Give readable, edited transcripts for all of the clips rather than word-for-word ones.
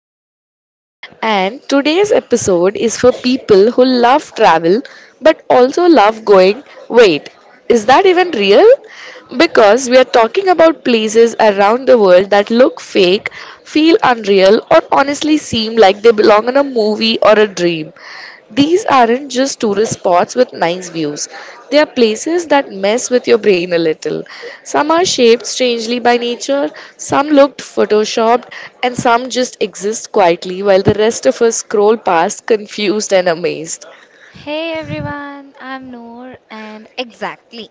podcast. And today's episode is for people who love travel but also love going, wait, is that even real? Because we are talking about places around the world that look fake, feel unreal, or honestly seem like they belong in a movie or a dream. These aren't just tourist spots with nice views. They are places that mess with your brain a little. Some are shaped strangely by nature, some looked photoshopped, and some just exist quietly while the rest of us scroll past confused and amazed. Hey everyone, I'm Noor, and exactly.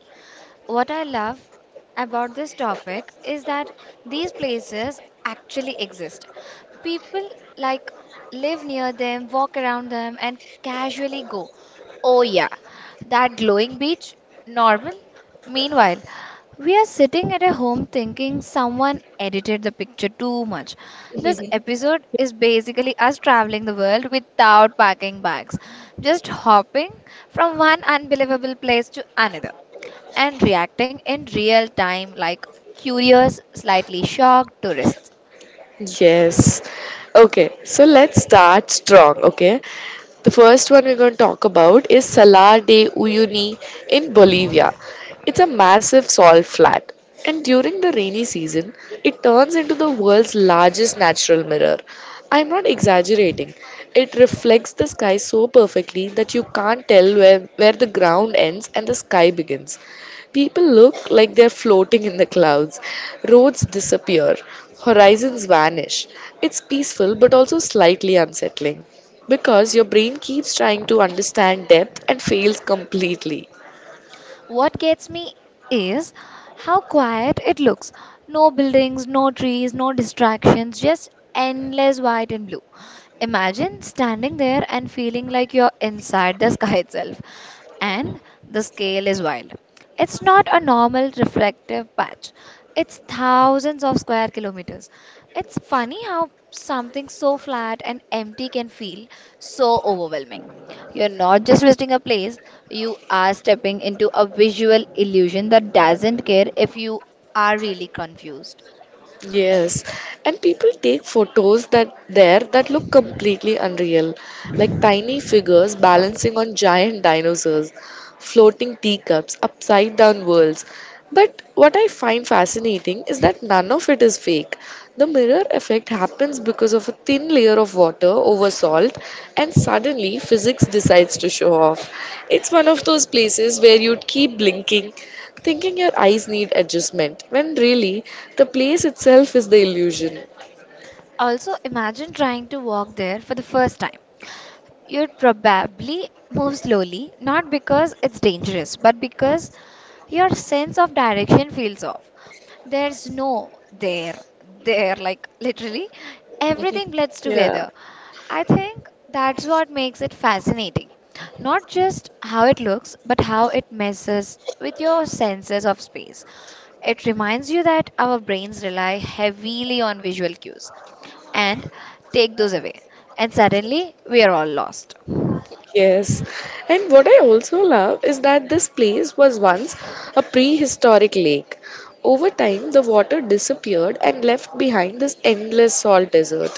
What I love about this topic is that these places actually exist. People like live near them, walk around them, and casually go, "Oh, yeah, that glowing beach, normal." Meanwhile, we are sitting at a home thinking someone edited the picture too much. This episode is basically us traveling the world without packing bags, just hopping from one unbelievable place to another and reacting in real time like curious, slightly shocked tourists. Yes. Okay, so let's start strong, okay? The first one we're going to talk about is Salar de Uyuni in Bolivia. It's a massive salt flat, and during the rainy season, it turns into the world's largest natural mirror. I'm not exaggerating. It reflects the sky so perfectly that you can't tell where the ground ends and the sky begins. People look like they're floating in the clouds. Roads disappear. Horizons vanish. It's peaceful but also slightly unsettling because your brain keeps trying to understand depth and fails completely. What gets me is how quiet it looks. No buildings, no trees, no distractions, just endless white and blue. Imagine standing there and feeling like you're inside the sky itself. And the scale is wild. It's not a normal reflective patch, it's thousands of square kilometers. It's funny how something so flat and empty can feel so overwhelming. You're not just visiting a place, you are stepping into a visual illusion that doesn't care if you are really confused. Yes, and people take photos that look completely unreal, like tiny figures balancing on giant dinosaurs, floating teacups, upside down worlds. But what I find fascinating is that none of it is fake. The mirror effect happens because of a thin layer of water over salt, and suddenly physics decides to show off. It's one of those places where you'd keep blinking, thinking your eyes need adjustment, when really the place itself is the illusion. Also, imagine trying to walk there for the first time. You'd probably move slowly, not because it's dangerous, but because your sense of direction feels off. There's no there, there, like literally everything blends Yeah. together. I think that's what makes it fascinating. Not just how it looks, but how it messes with your senses of space. It reminds you that our brains rely heavily on visual cues and take those away, and suddenly we are all lost. Yes, and what I also love is that this place was once a prehistoric lake. Over time, the water disappeared and left behind this endless salt desert.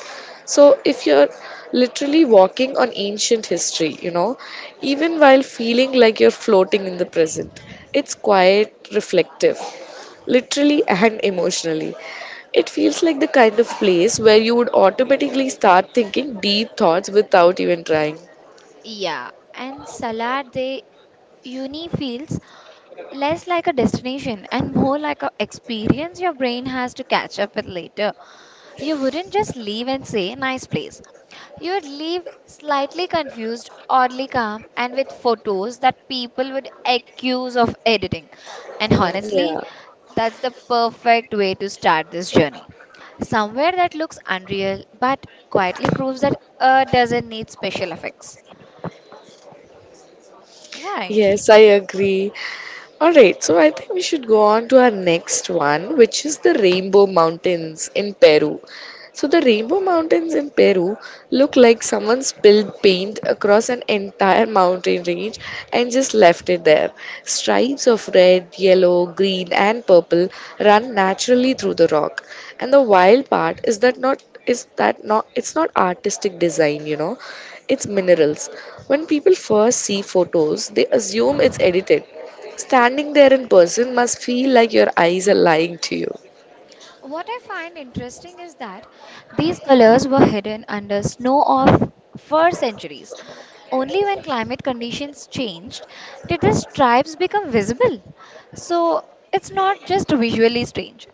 So, if you're literally walking on ancient history, you know, even while feeling like you're floating in the present, it's quite reflective, literally and emotionally. It feels like the kind of place where you would automatically start thinking deep thoughts without even trying. Yeah, and Salar de Uni feels less like a destination and more like a experience your brain has to catch up with later. You wouldn't just leave and say nice place, you would leave slightly confused, oddly calm, and with photos that people would accuse of editing. And honestly, Yeah. that's the perfect way to start this journey, somewhere that looks unreal but quietly proves that earth doesn't need special effects. Right. Yes, I agree. All right, so I think we should go on to our next one, which is the Rainbow Mountains in Peru. So, the Rainbow Mountains in Peru look like someone spilled paint across an entire mountain range and just left it there. Stripes of red, yellow, green, and purple run naturally through the rock. And the wild part is that not it's not artistic design, you know, it's minerals. When people first see photos, they assume it's edited. Standing there in person must feel like your eyes are lying to you. What I find interesting is that these colors were hidden under snow of for centuries. Only when climate conditions changed did the stripes become visible. So it's not just visually strange.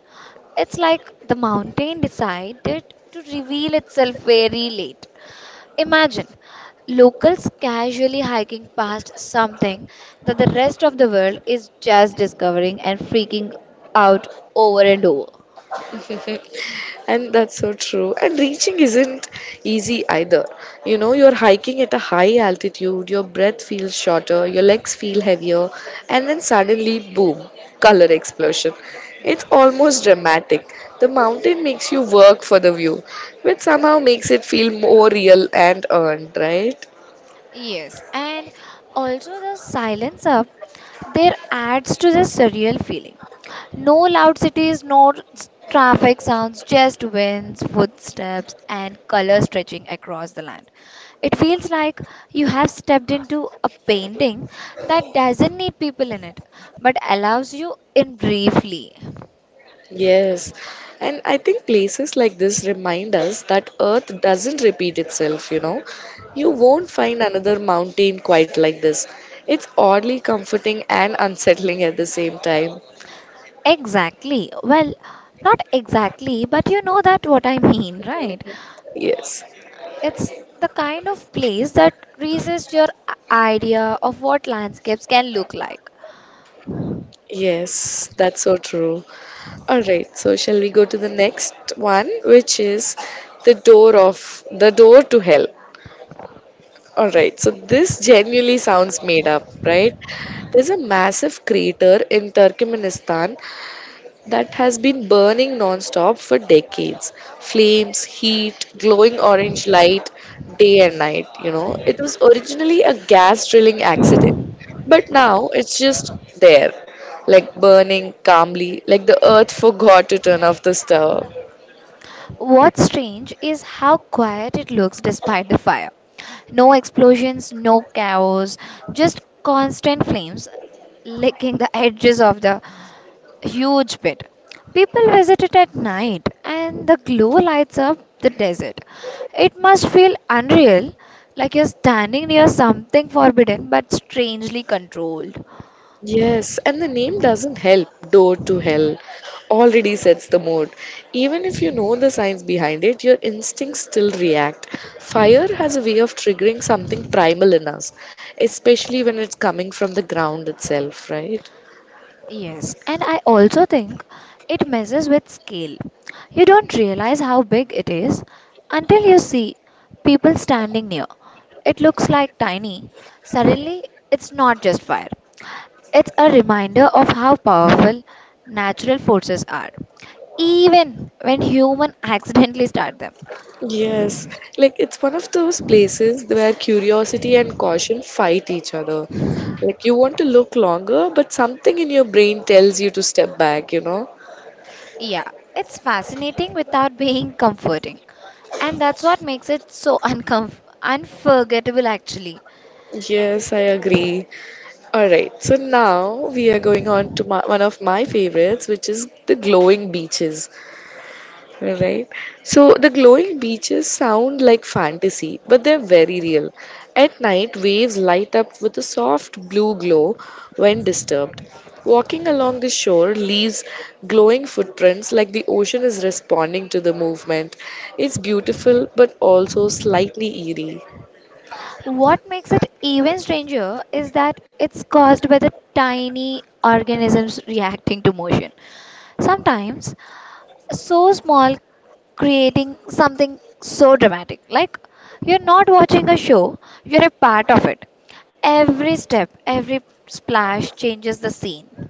It's like the mountain decided to reveal itself very late. Imagine locals casually hiking past something that the rest of the world is just discovering and freaking out over and over. And that's so true. And reaching isn't easy either. You know, you're hiking at a high altitude, your breath feels shorter, your legs feel heavier, and then suddenly, boom, color explosion. It's almost dramatic. The mountain makes you work for the view, which somehow makes it feel more real and earned, right? Yes, and also the silence up there adds to the surreal feeling. No loud cities, no traffic sounds, just winds, footsteps, and color stretching across the land. It feels like you have stepped into a painting that doesn't need people in it, but allows you in briefly. Yes. And I think places like this remind us that Earth doesn't repeat itself, you know. You won't find another mountain quite like this. It's oddly comforting and unsettling at the same time. Exactly. Well, not exactly, but you know that what I mean, right? Yes. It's the kind of place that resists your idea of what landscapes can look like. Yes, that's so true. All right, so shall we go to the next one, which is the door to hell. All right, so this genuinely sounds made up, right? There's a massive crater in Turkmenistan that has been burning non-stop for decades. Flames, heat, glowing orange light, day and night, you know. It was originally a gas drilling accident, but now it's just there, like burning calmly, like the earth forgot to turn off the stove. What's strange is how quiet it looks despite the fire. No explosions, no chaos, just constant flames licking the edges of the huge pit. People visit it at night and the glow lights up the desert. It must feel unreal, like you're standing near something forbidden but strangely controlled. Yes, and the name doesn't help. Door to Hell already sets the mood. Even if you know the science behind it, your instincts still react. Fire has a way of triggering something primal in us, especially when it's coming from the ground itself, right? Yes, and I also think it messes with scale. You don't realize how big it is until you see people standing near. It looks like tiny. Suddenly, it's not just fire, it's a reminder of how powerful natural forces are, even when human accidentally start them. Yes, like it's one of those places where curiosity and caution fight each other. Like you want to look longer, but something in your brain tells you to step back, you know? Yeah, it's fascinating without being comforting. And that's what makes it so unforgettable, actually. Yes, I agree. All right, so now we are going on to one of my favorites, which is the glowing beaches. All right, so the glowing beaches sound like fantasy, but they're very real. At night, waves light up with a soft blue glow when disturbed. Walking along the shore leaves glowing footprints like the ocean is responding to the movement. It's beautiful but also slightly eerie. What makes it even stranger is that it's caused by the tiny organisms reacting to motion. Sometimes so small, creating something so dramatic. Like you're not watching a show, you're a part of it. Every step, every splash changes the scene.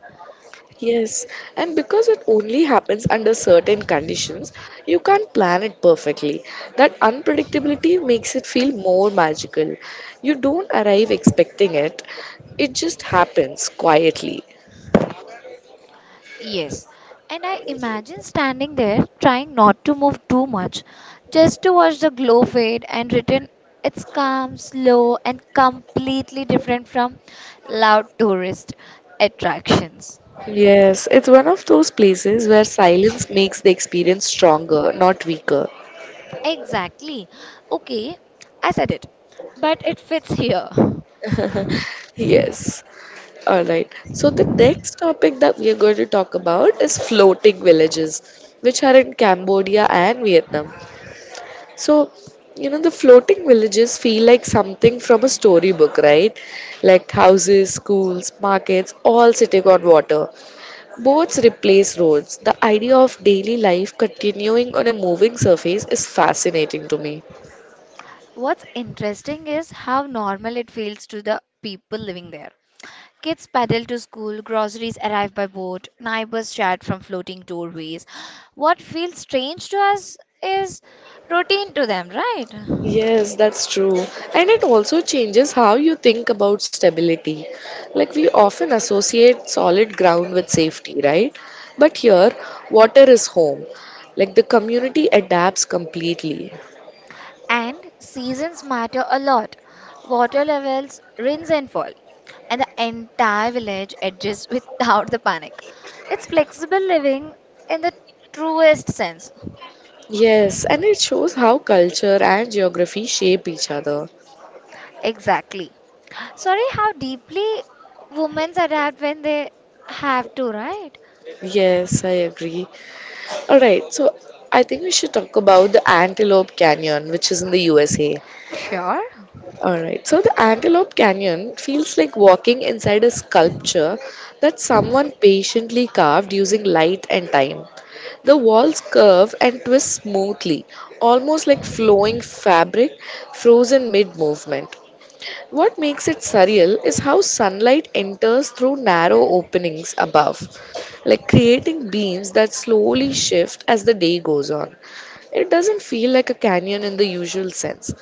Yes, and because it only happens under certain conditions, you can't plan it perfectly. That unpredictability makes it feel more magical. You don't arrive expecting it, it just happens quietly. Yes, and I imagine standing there trying not to move too much, just to watch the glow fade and return. It's calm, slow, and completely different from loud tourist attractions. Yes, it's one of those places where silence makes the experience stronger, not weaker. Exactly. Okay, I said it, but it fits here. Yes. All right. So the next topic that we are going to talk about is floating villages, which are in Cambodia and Vietnam. So, you know, the floating villages feel like something from a storybook, right? Like houses, schools, markets, all sitting on water. Boats replace roads. The idea of daily life continuing on a moving surface is fascinating to me. What's interesting is how normal it feels to the people living there. Kids paddle to school, groceries arrive by boat, neighbors chat from floating doorways. What feels strange to us is routine to them, right? Yes, that's true. And it also changes how you think about stability. Like we often associate solid ground with safety, right? But here, water is home. Like the community adapts completely. And seasons matter a lot. Water levels rinse and fall, and the entire village adjusts without the panic. It's flexible living in the truest sense. Yes, and it shows how culture and geography shape each other. Exactly. Sorry how deeply women adapt when they have to, right? Yes, I agree. All right, so I think we should talk about the Antelope Canyon, which is in the USA. Sure. All right, so the Antelope Canyon feels like walking inside a sculpture that someone patiently carved using light and time. The walls curve and twist smoothly, almost like flowing fabric frozen mid movement. What makes it surreal is how sunlight enters through narrow openings above, like creating beams that slowly shift as the day goes on. It doesn't feel like a canyon in the usual sense.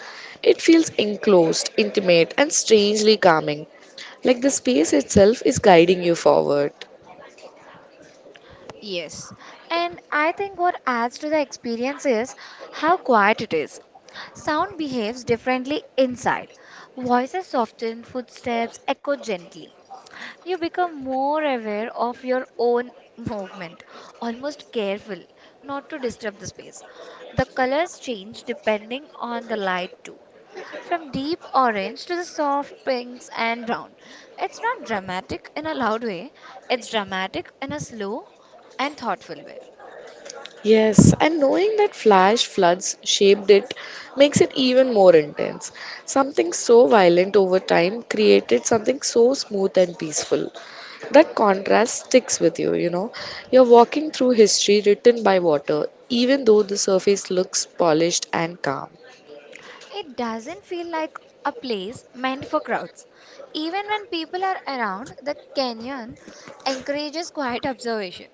It feels enclosed, intimate, and strangely calming, like the space itself is guiding you forward. Yes. And I think what adds to the experience is how quiet it is. Sound behaves differently inside. Voices soften, footsteps echo gently. You become more aware of your own movement, almost careful not to disturb the space. The colors change depending on the light, too. From deep orange to the soft pinks and brown. It's not dramatic in a loud way, it's dramatic in a slow and thoughtful way. Yes, and knowing that flash floods shaped it makes it even more intense. Something so violent over time created something so smooth and peaceful. That contrast sticks with you, you know. You're walking through history written by water, even though the surface looks polished and calm. It doesn't feel like a place meant for crowds. Even when people are around, the canyon encourages quiet observation.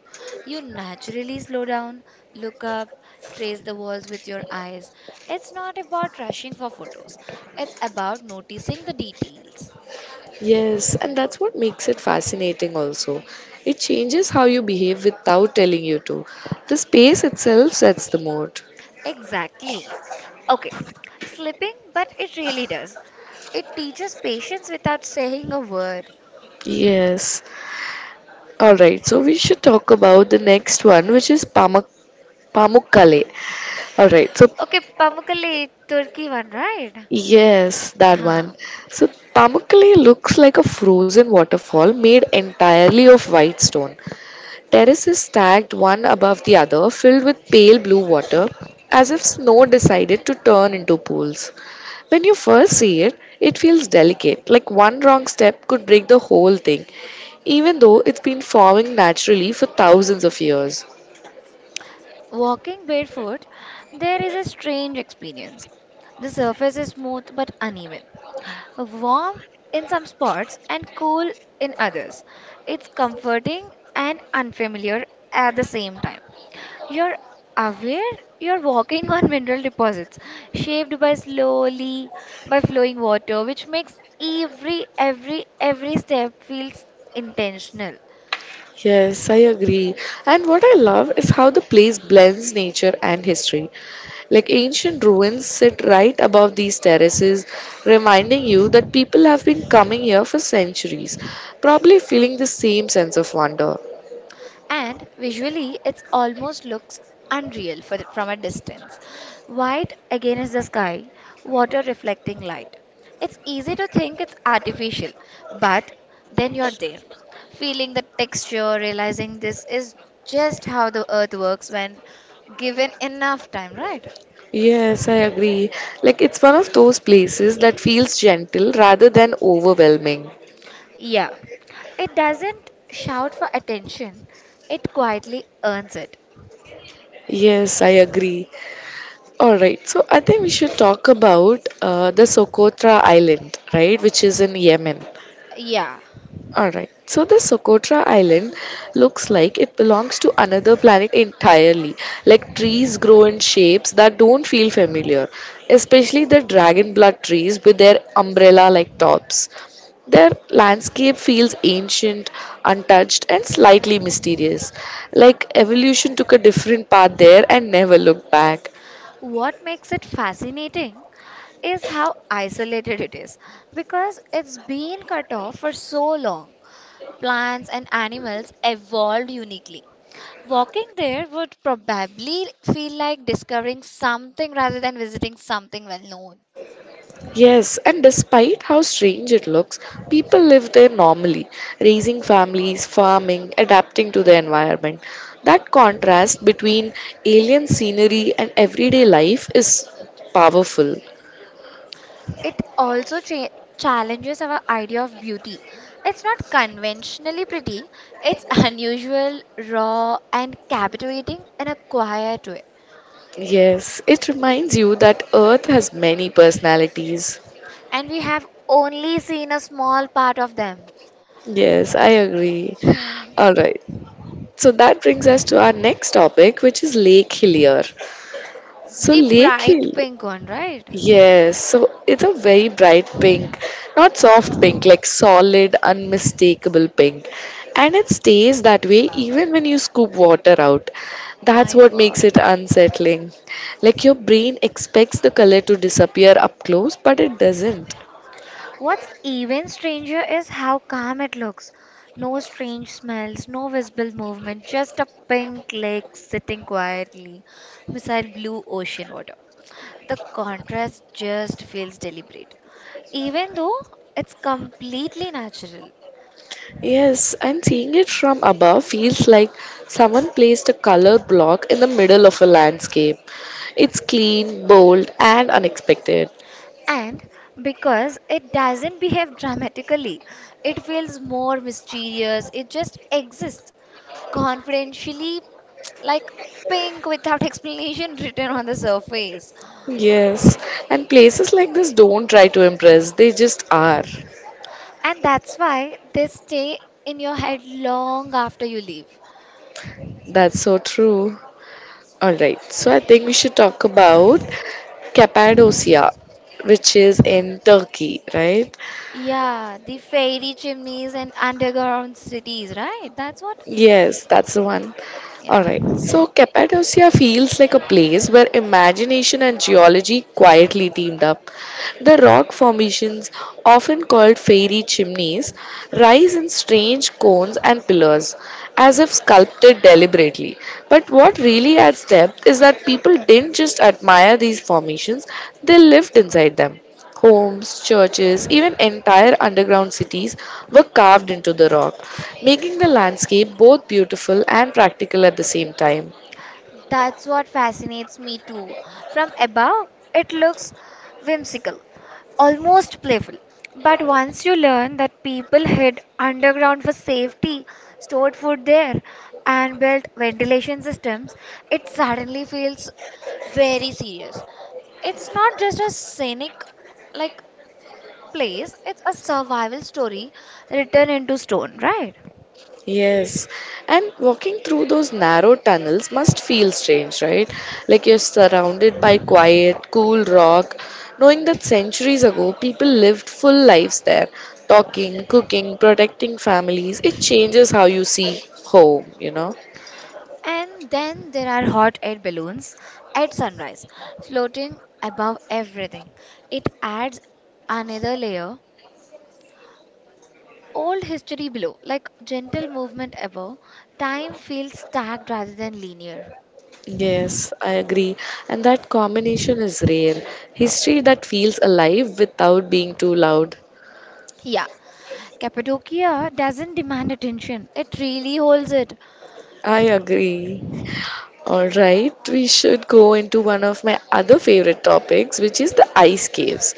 You naturally slow down, look up, trace the walls with your eyes. It's not about rushing for photos, it's about noticing the details. Yes, and that's what makes it fascinating also. It changes how you behave without telling you to. The space itself sets the mood. Exactly. Okay, slipping, but it really does. It teaches patience without saying a word. Yes. All right, so we should talk about the next one, which is Pamukkale. All right, so Okay, Pamukkale, Turkey one, right? yes, that one. Huh. So Pamukkale looks like a frozen waterfall made entirely of white stone. Terraces stacked one above the other, filled with pale blue water, as if snow decided to turn into pools. When you first see it, it feels delicate, like one wrong step could break the whole thing, even though it's been forming naturally for thousands of years. Walking barefoot, there is a strange experience. The surface is smooth but uneven, warm in some spots and cool in others. It's comforting and unfamiliar at the same time. You're aware you're walking on mineral deposits shaped by slowly by flowing water, which makes every step feels intentional. Yes, I agree. And what I love is how the place blends nature and history. Like ancient ruins sit right above these terraces, reminding you that people have been coming here for centuries, probably feeling the same sense of wonder. And visually it almost looks unreal for from a distance. White again is the sky, water reflecting light, it's easy to think it's artificial, but then you're there, feeling the texture, realizing this is just how the earth works when given enough time, right? Yes, I agree. Like it's one of those places that feels gentle rather than overwhelming. Yeah, it doesn't shout for attention, it quietly earns it. Yes, I agree. All right, so I think we should talk about the Socotra Island, right, which is in Yemen. Yeah. Alright, so the Socotra Island looks like it belongs to another planet entirely. Like trees grow in shapes that don't feel familiar, especially the dragon blood trees with their umbrella like tops. Their landscape feels ancient, untouched, and slightly mysterious. Like evolution took a different path there and never looked back. What makes it fascinating is how isolated it is because it's been cut off for so long. Plants and animals evolved uniquely. Walking there would probably feel like discovering something rather than visiting something well known. Yes, and despite how strange it looks, people live there normally, raising families, farming, adapting to the environment. That contrast between alien scenery and everyday life is powerful. It also challenges our idea of beauty. It's not conventionally pretty, it's unusual, raw, and captivating in a quiet way. Yes, it reminds you that Earth has many personalities. And we have only seen a small part of them. Yes, I agree. Hmm. All right. So that brings us to our next topic, which is Lake Hillier. So The Lake bright Hill. pink one, right? Yes, so it's a very bright pink, not soft pink, like solid, unmistakable pink. And it stays that way even when you scoop water out. That's My what makes God. it unsettling. Like your brain expects the color to disappear up close, but it doesn't. What's even stranger is how calm it looks. No strange smells, no visible movement, just a pink lake sitting quietly beside blue ocean water. The contrast just feels deliberate, even though it's completely natural. Yes, and seeing it from above feels like someone placed a color block in the middle of a landscape. It's clean, bold, and unexpected. And because it doesn't behave dramatically, it feels more mysterious. It just exists confidentially, like pink without explanation written on the surface. Yes, and places like this don't try to impress, they just are. And that's why they stay in your head long after you leave. That's so true. Alright, so I think we should talk about Cappadocia, which is in Turkey, right? Yeah, the fairy chimneys and underground cities, right? That's what. Yes, that's the one. Yeah. Alright, so Cappadocia feels like a place where imagination and geology quietly teamed up. The rock formations, often called fairy chimneys, rise in strange cones and pillars, as if sculpted deliberately. But what really adds depth is that people didn't just admire these formations, they lived inside them. Homes, churches, even entire underground cities were carved into the rock, making the landscape both beautiful and practical at the same time. That's what fascinates me too. From above, it looks whimsical, almost playful. But once you learn that people hid underground for safety, stored food there, and built ventilation systems, it suddenly feels very serious. It's not just a scenic like place, it's a survival story written into stone, right? Yes, and walking through those narrow tunnels must feel strange, right? Like you're surrounded by quiet, cool rock, knowing that centuries ago people lived full lives there, talking, cooking, protecting families. It changes how you see home, you know? And then there are hot air balloons at sunrise, floating above everything. It adds another layer. Old history below, like gentle movement above, time feels stacked rather than linear. Yes, I agree. And that combination is rare. History that feels alive without being too loud. Yeah, Cappadocia doesn't demand attention, it really holds it. I agree. All right, we should go into one of my other favorite topics, which is the ice caves.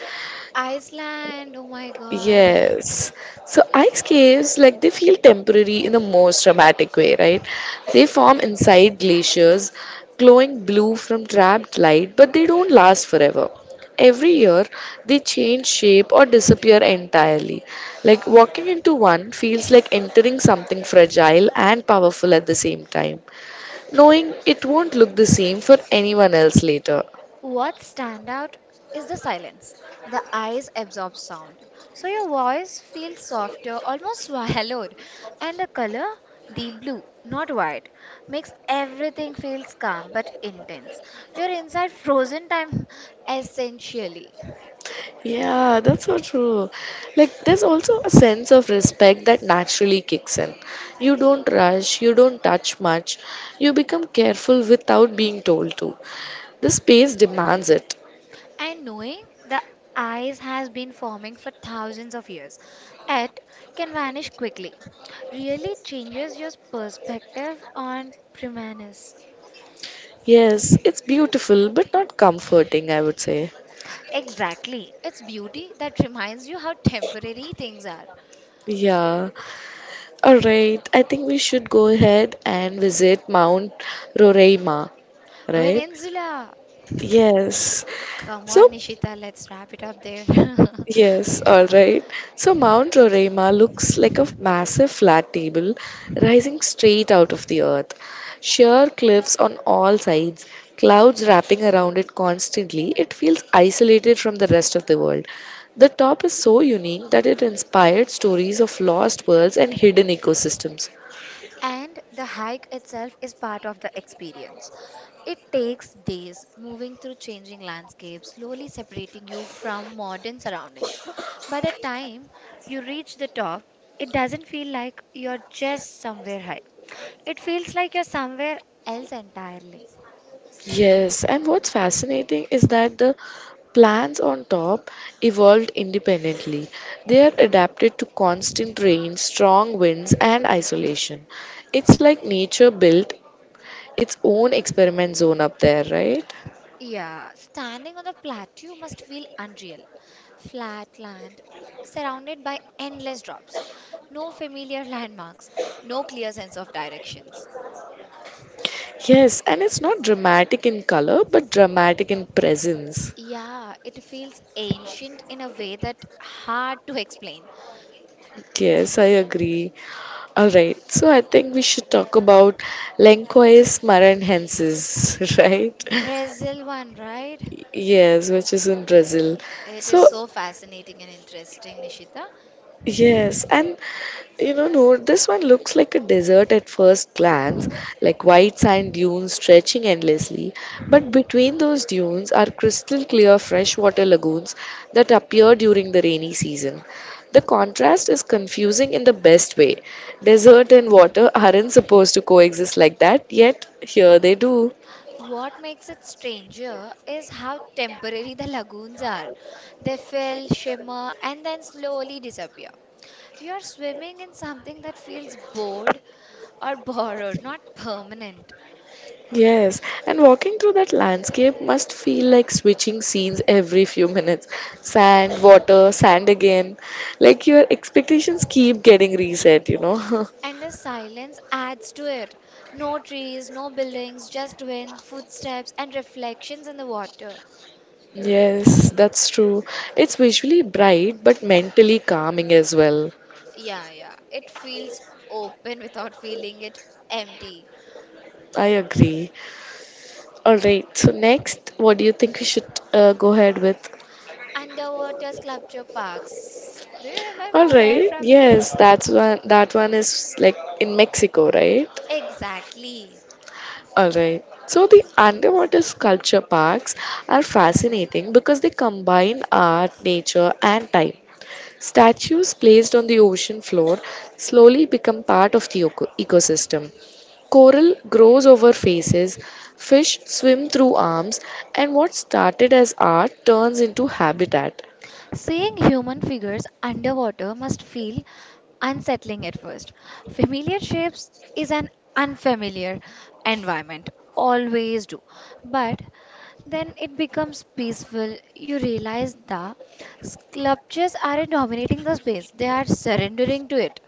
Iceland, oh my god. Yes. So, ice caves, like they feel temporary in the most dramatic way, right? They form inside glaciers, glowing blue from trapped light, but they don't last forever. Every year, they change shape or disappear entirely. Like walking into one feels like entering something fragile and powerful at the same time knowing it won't look the same for anyone else later. What stand out is the silence. The eyes absorb sound, so your voice feels softer, almost swallowed, and the color, the blue, not white, makes everything feels calm but intense. You're inside frozen time essentially, Yeah, that's so true. Like, there's also a sense of respect that naturally kicks in. You don't rush, you don't touch much, you become careful without being told to. The space demands it. and knowing the eyes has been forming for thousands of years, it can vanish quickly. Really changes your perspective on premise. Yes, it's beautiful, but not comforting, I would say. Exactly. It's beauty that reminds you how temporary things are. Yeah. All right. I think we should go ahead and visit Mount Roraima, right? Venezuela! Yes. Come on, So Nishita, let's wrap it up there. yes, all right. So Mount Roraima looks like a massive flat table rising straight out of the earth. Sheer cliffs on all sides, clouds wrapping around it constantly, it feels isolated from the rest of the world. The top is so unique that it inspired stories of lost worlds and hidden ecosystems. And the hike itself is part of the experience. It takes days moving through changing landscapes, slowly separating you from modern surroundings. By the time you reach the top, it doesn't feel like you're just somewhere high. It feels like you're somewhere else entirely. Yes, and what's fascinating is that the plants on top evolved independently. They are adapted to constant rain, strong winds, and isolation. It's like nature built its own experiment zone up there, right? Yeah, standing on the plateau must feel unreal. Flat land, surrounded by endless drops, no familiar landmarks, no clear sense of directions. Yes, and it's not dramatic in color, but dramatic in presence. Yeah, it feels ancient in a way that hard to explain. Yes, I agree. All right, so I think we should talk about Lencois maranhensis, right? Brazil one, right? Yes, which is in Brazil. It is So, so fascinating and interesting, Nishita. yes, and you know, no, this one looks like a desert at first glance, like white sand dunes stretching endlessly. But between those dunes are crystal clear freshwater lagoons that appear during the rainy season. The contrast is confusing in the best way. Desert and water aren't supposed to coexist like that, yet here they do. What makes it stranger is how temporary the lagoons are. They fill, shimmer, and then slowly disappear. You are swimming in something that feels bored or borrowed, not permanent. Yes, and walking through that landscape must feel like switching scenes every few minutes. Sand, water, sand again. Like your expectations keep getting reset, you know. And the silence adds to it. No trees, no buildings, just wind, footsteps, and reflections in the water. Yes, that's true. It's visually bright but mentally calming as well. Yeah, yeah. it feels open without feeling it empty. I agree. All right, so next, what do you think we should go ahead with? Underwater sculpture parks. Do you remember All where right, from? yes, that's one. That one is like in Mexico, right? Exactly. All right. So the underwater sculpture parks are fascinating because they combine art, nature, and time. Statues placed on the ocean floor slowly become part of the ecosystem. Coral grows over faces, fish swim through arms, and what started as art turns into habitat. Seeing human figures underwater must feel unsettling at first. Familiar shapes is an unfamiliar environment, always do. But then it becomes peaceful. You realize the sculptures aren't dominating the space, they are surrendering to it.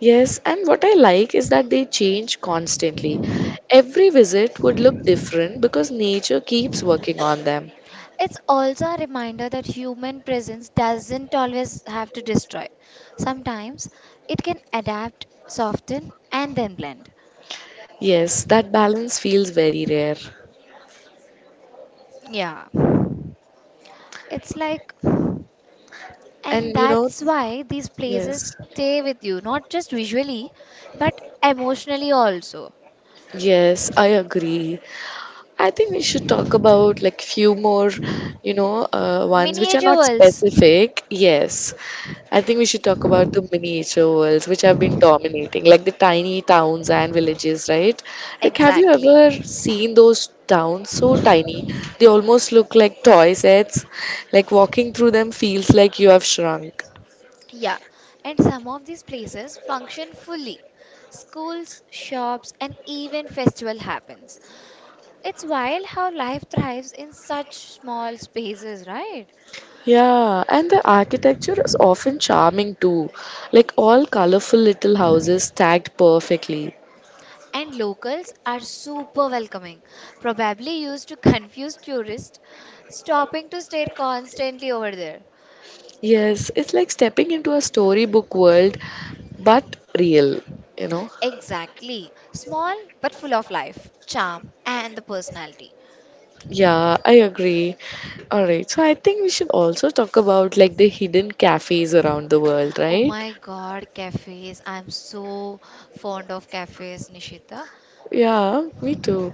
Yes, and what I like is that they change constantly. Every visit would look different because nature keeps working on them. It's also a reminder that human presence doesn't always have to destroy. Sometimes it can adapt, soften, and then blend. Yes, that balance feels very rare. Yeah. It's like, and And you know, that's why these places yes, stay with you, not just visually, but emotionally also. yes, I agree. I think we should talk about like few more, you know, ones which are Miniature not worlds. specific. Yes. I think we should talk about the miniature worlds which have been dominating, like the tiny towns and villages, right? Like, have you Exactly. ever seen those towns so tiny? They almost look like toy sets. Like, walking through them feels like you have shrunk. Yeah. And some of these places function fully. Schools, shops, and even festival happens. It's wild how life thrives in such small spaces, right? Yeah, and the architecture is often charming too, like all colorful little houses stacked perfectly. And locals are super welcoming, probably used to confuse tourists, stopping to stare constantly over there. Yes, it's like stepping into a storybook world, but real, you know? Exactly. Small but full of life, charm, and the personality. Yeah, I agree. All right, so I think we should also talk about like the hidden cafes around the world, Oh right? my god, cafes. I'm so fond of cafes, Nishita. Yeah, me too.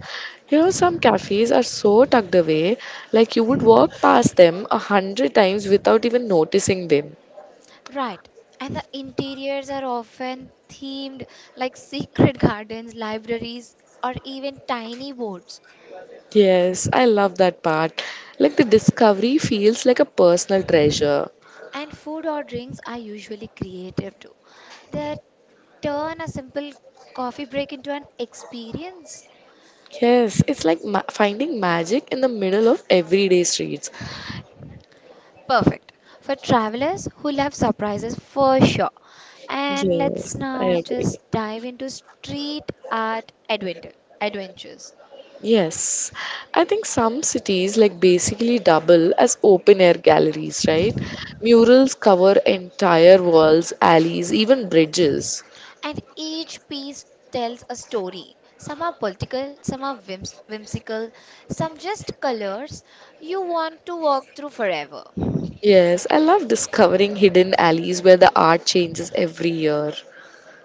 You know, some cafes are so tucked away, like you would walk past them a hundred times without even noticing them. Right. And the interiors are often themed like secret gardens, libraries, or even tiny boats. Yes, I love that part. Like the discovery feels like a personal treasure. And food or drinks are usually creative too. They turn a simple coffee break into an experience. Yes, it's like finding magic in the middle of everyday streets. Perfect for travelers who love surprises for sure. And let's Yes, I now agree. just dive into art adventure, adventures. Yes, I think some cities like basically double as open air galleries, right? Murals cover entire walls, alleys, even bridges. And each piece tells a story. Some are political, some are whimsical, some just colors you want to walk through forever. Yes, I love discovering hidden alleys where the art changes every year.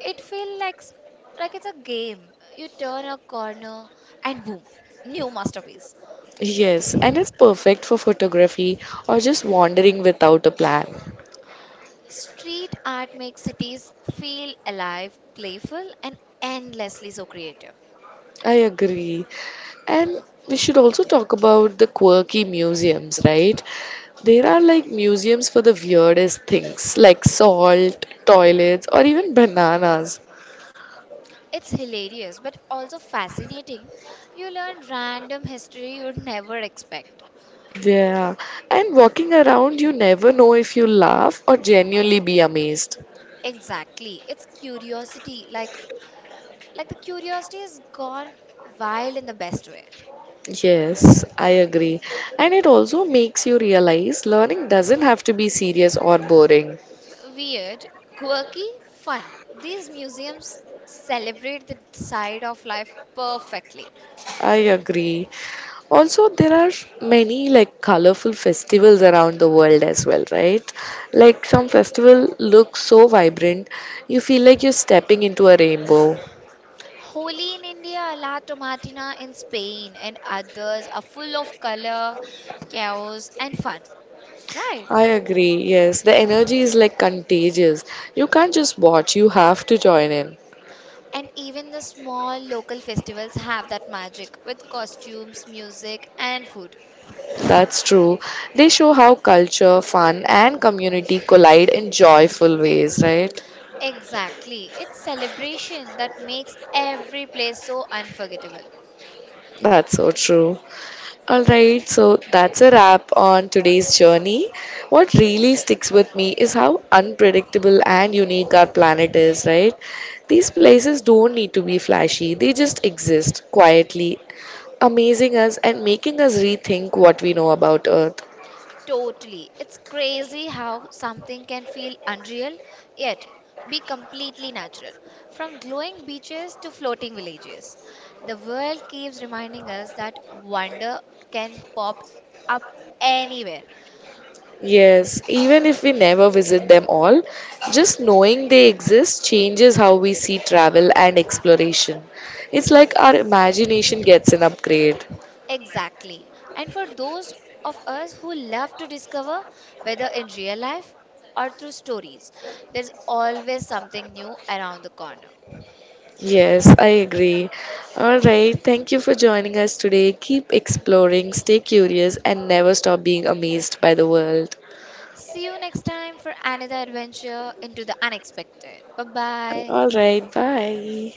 It feels like like it's a game. You turn a corner and boom, new masterpiece. Yes, and it's perfect for photography or just wandering without a plan. Street art makes cities feel alive, playful, and endlessly so creative. I agree. And we should also talk about the quirky museums, right? There are like museums for the weirdest things, like salt, toilets, or even bananas. It's hilarious but also fascinating. You learn random history you'd never expect. Yeah, and walking around, you never know if you laugh or genuinely be amazed. Exactly. It's curiosity. Like the curiosity is gone wild in the best way. Yes, I agree. And it also makes you realize learning doesn't have to be serious or boring. Weird, quirky, fun. These museums celebrate the side of life perfectly. I agree. Also, there are many like colorful festivals around the world as well, right? Like some festival looks so vibrant, you feel like you're stepping into a rainbow. Holi in India, La Tomatina in Spain, and others are full of color, chaos, and fun, right? I agree, yes. The energy is like contagious. You can't just watch, you have to join in. And even the small local festivals have that magic with costumes, music, and food. That's true. They show how culture, fun, and community collide in joyful ways, right? Exactly, it's celebration that makes every place so unforgettable. That's so true. All right, so that's a wrap on today's journey. What really sticks with me is how unpredictable and unique our planet is, right? These places don't need to be flashy, they just exist quietly, amazing us and making us rethink what we know about Earth. Totally. It's crazy how something can feel unreal yet be completely natural. From glowing beaches to floating villages, the world keeps reminding us that wonder can pop up anywhere. Yes, even if we never visit them all, just knowing they exist changes how we see travel and exploration. It's like our imagination gets an upgrade. Exactly. And for those of us who love to discover, whether in real life or through stories, there's always something new around the corner. Yes, I agree. All right. Thank you for joining us today. Keep exploring, stay curious, and never stop being amazed by the world. See you next time for another adventure into the unexpected. Bye bye. All right. Bye.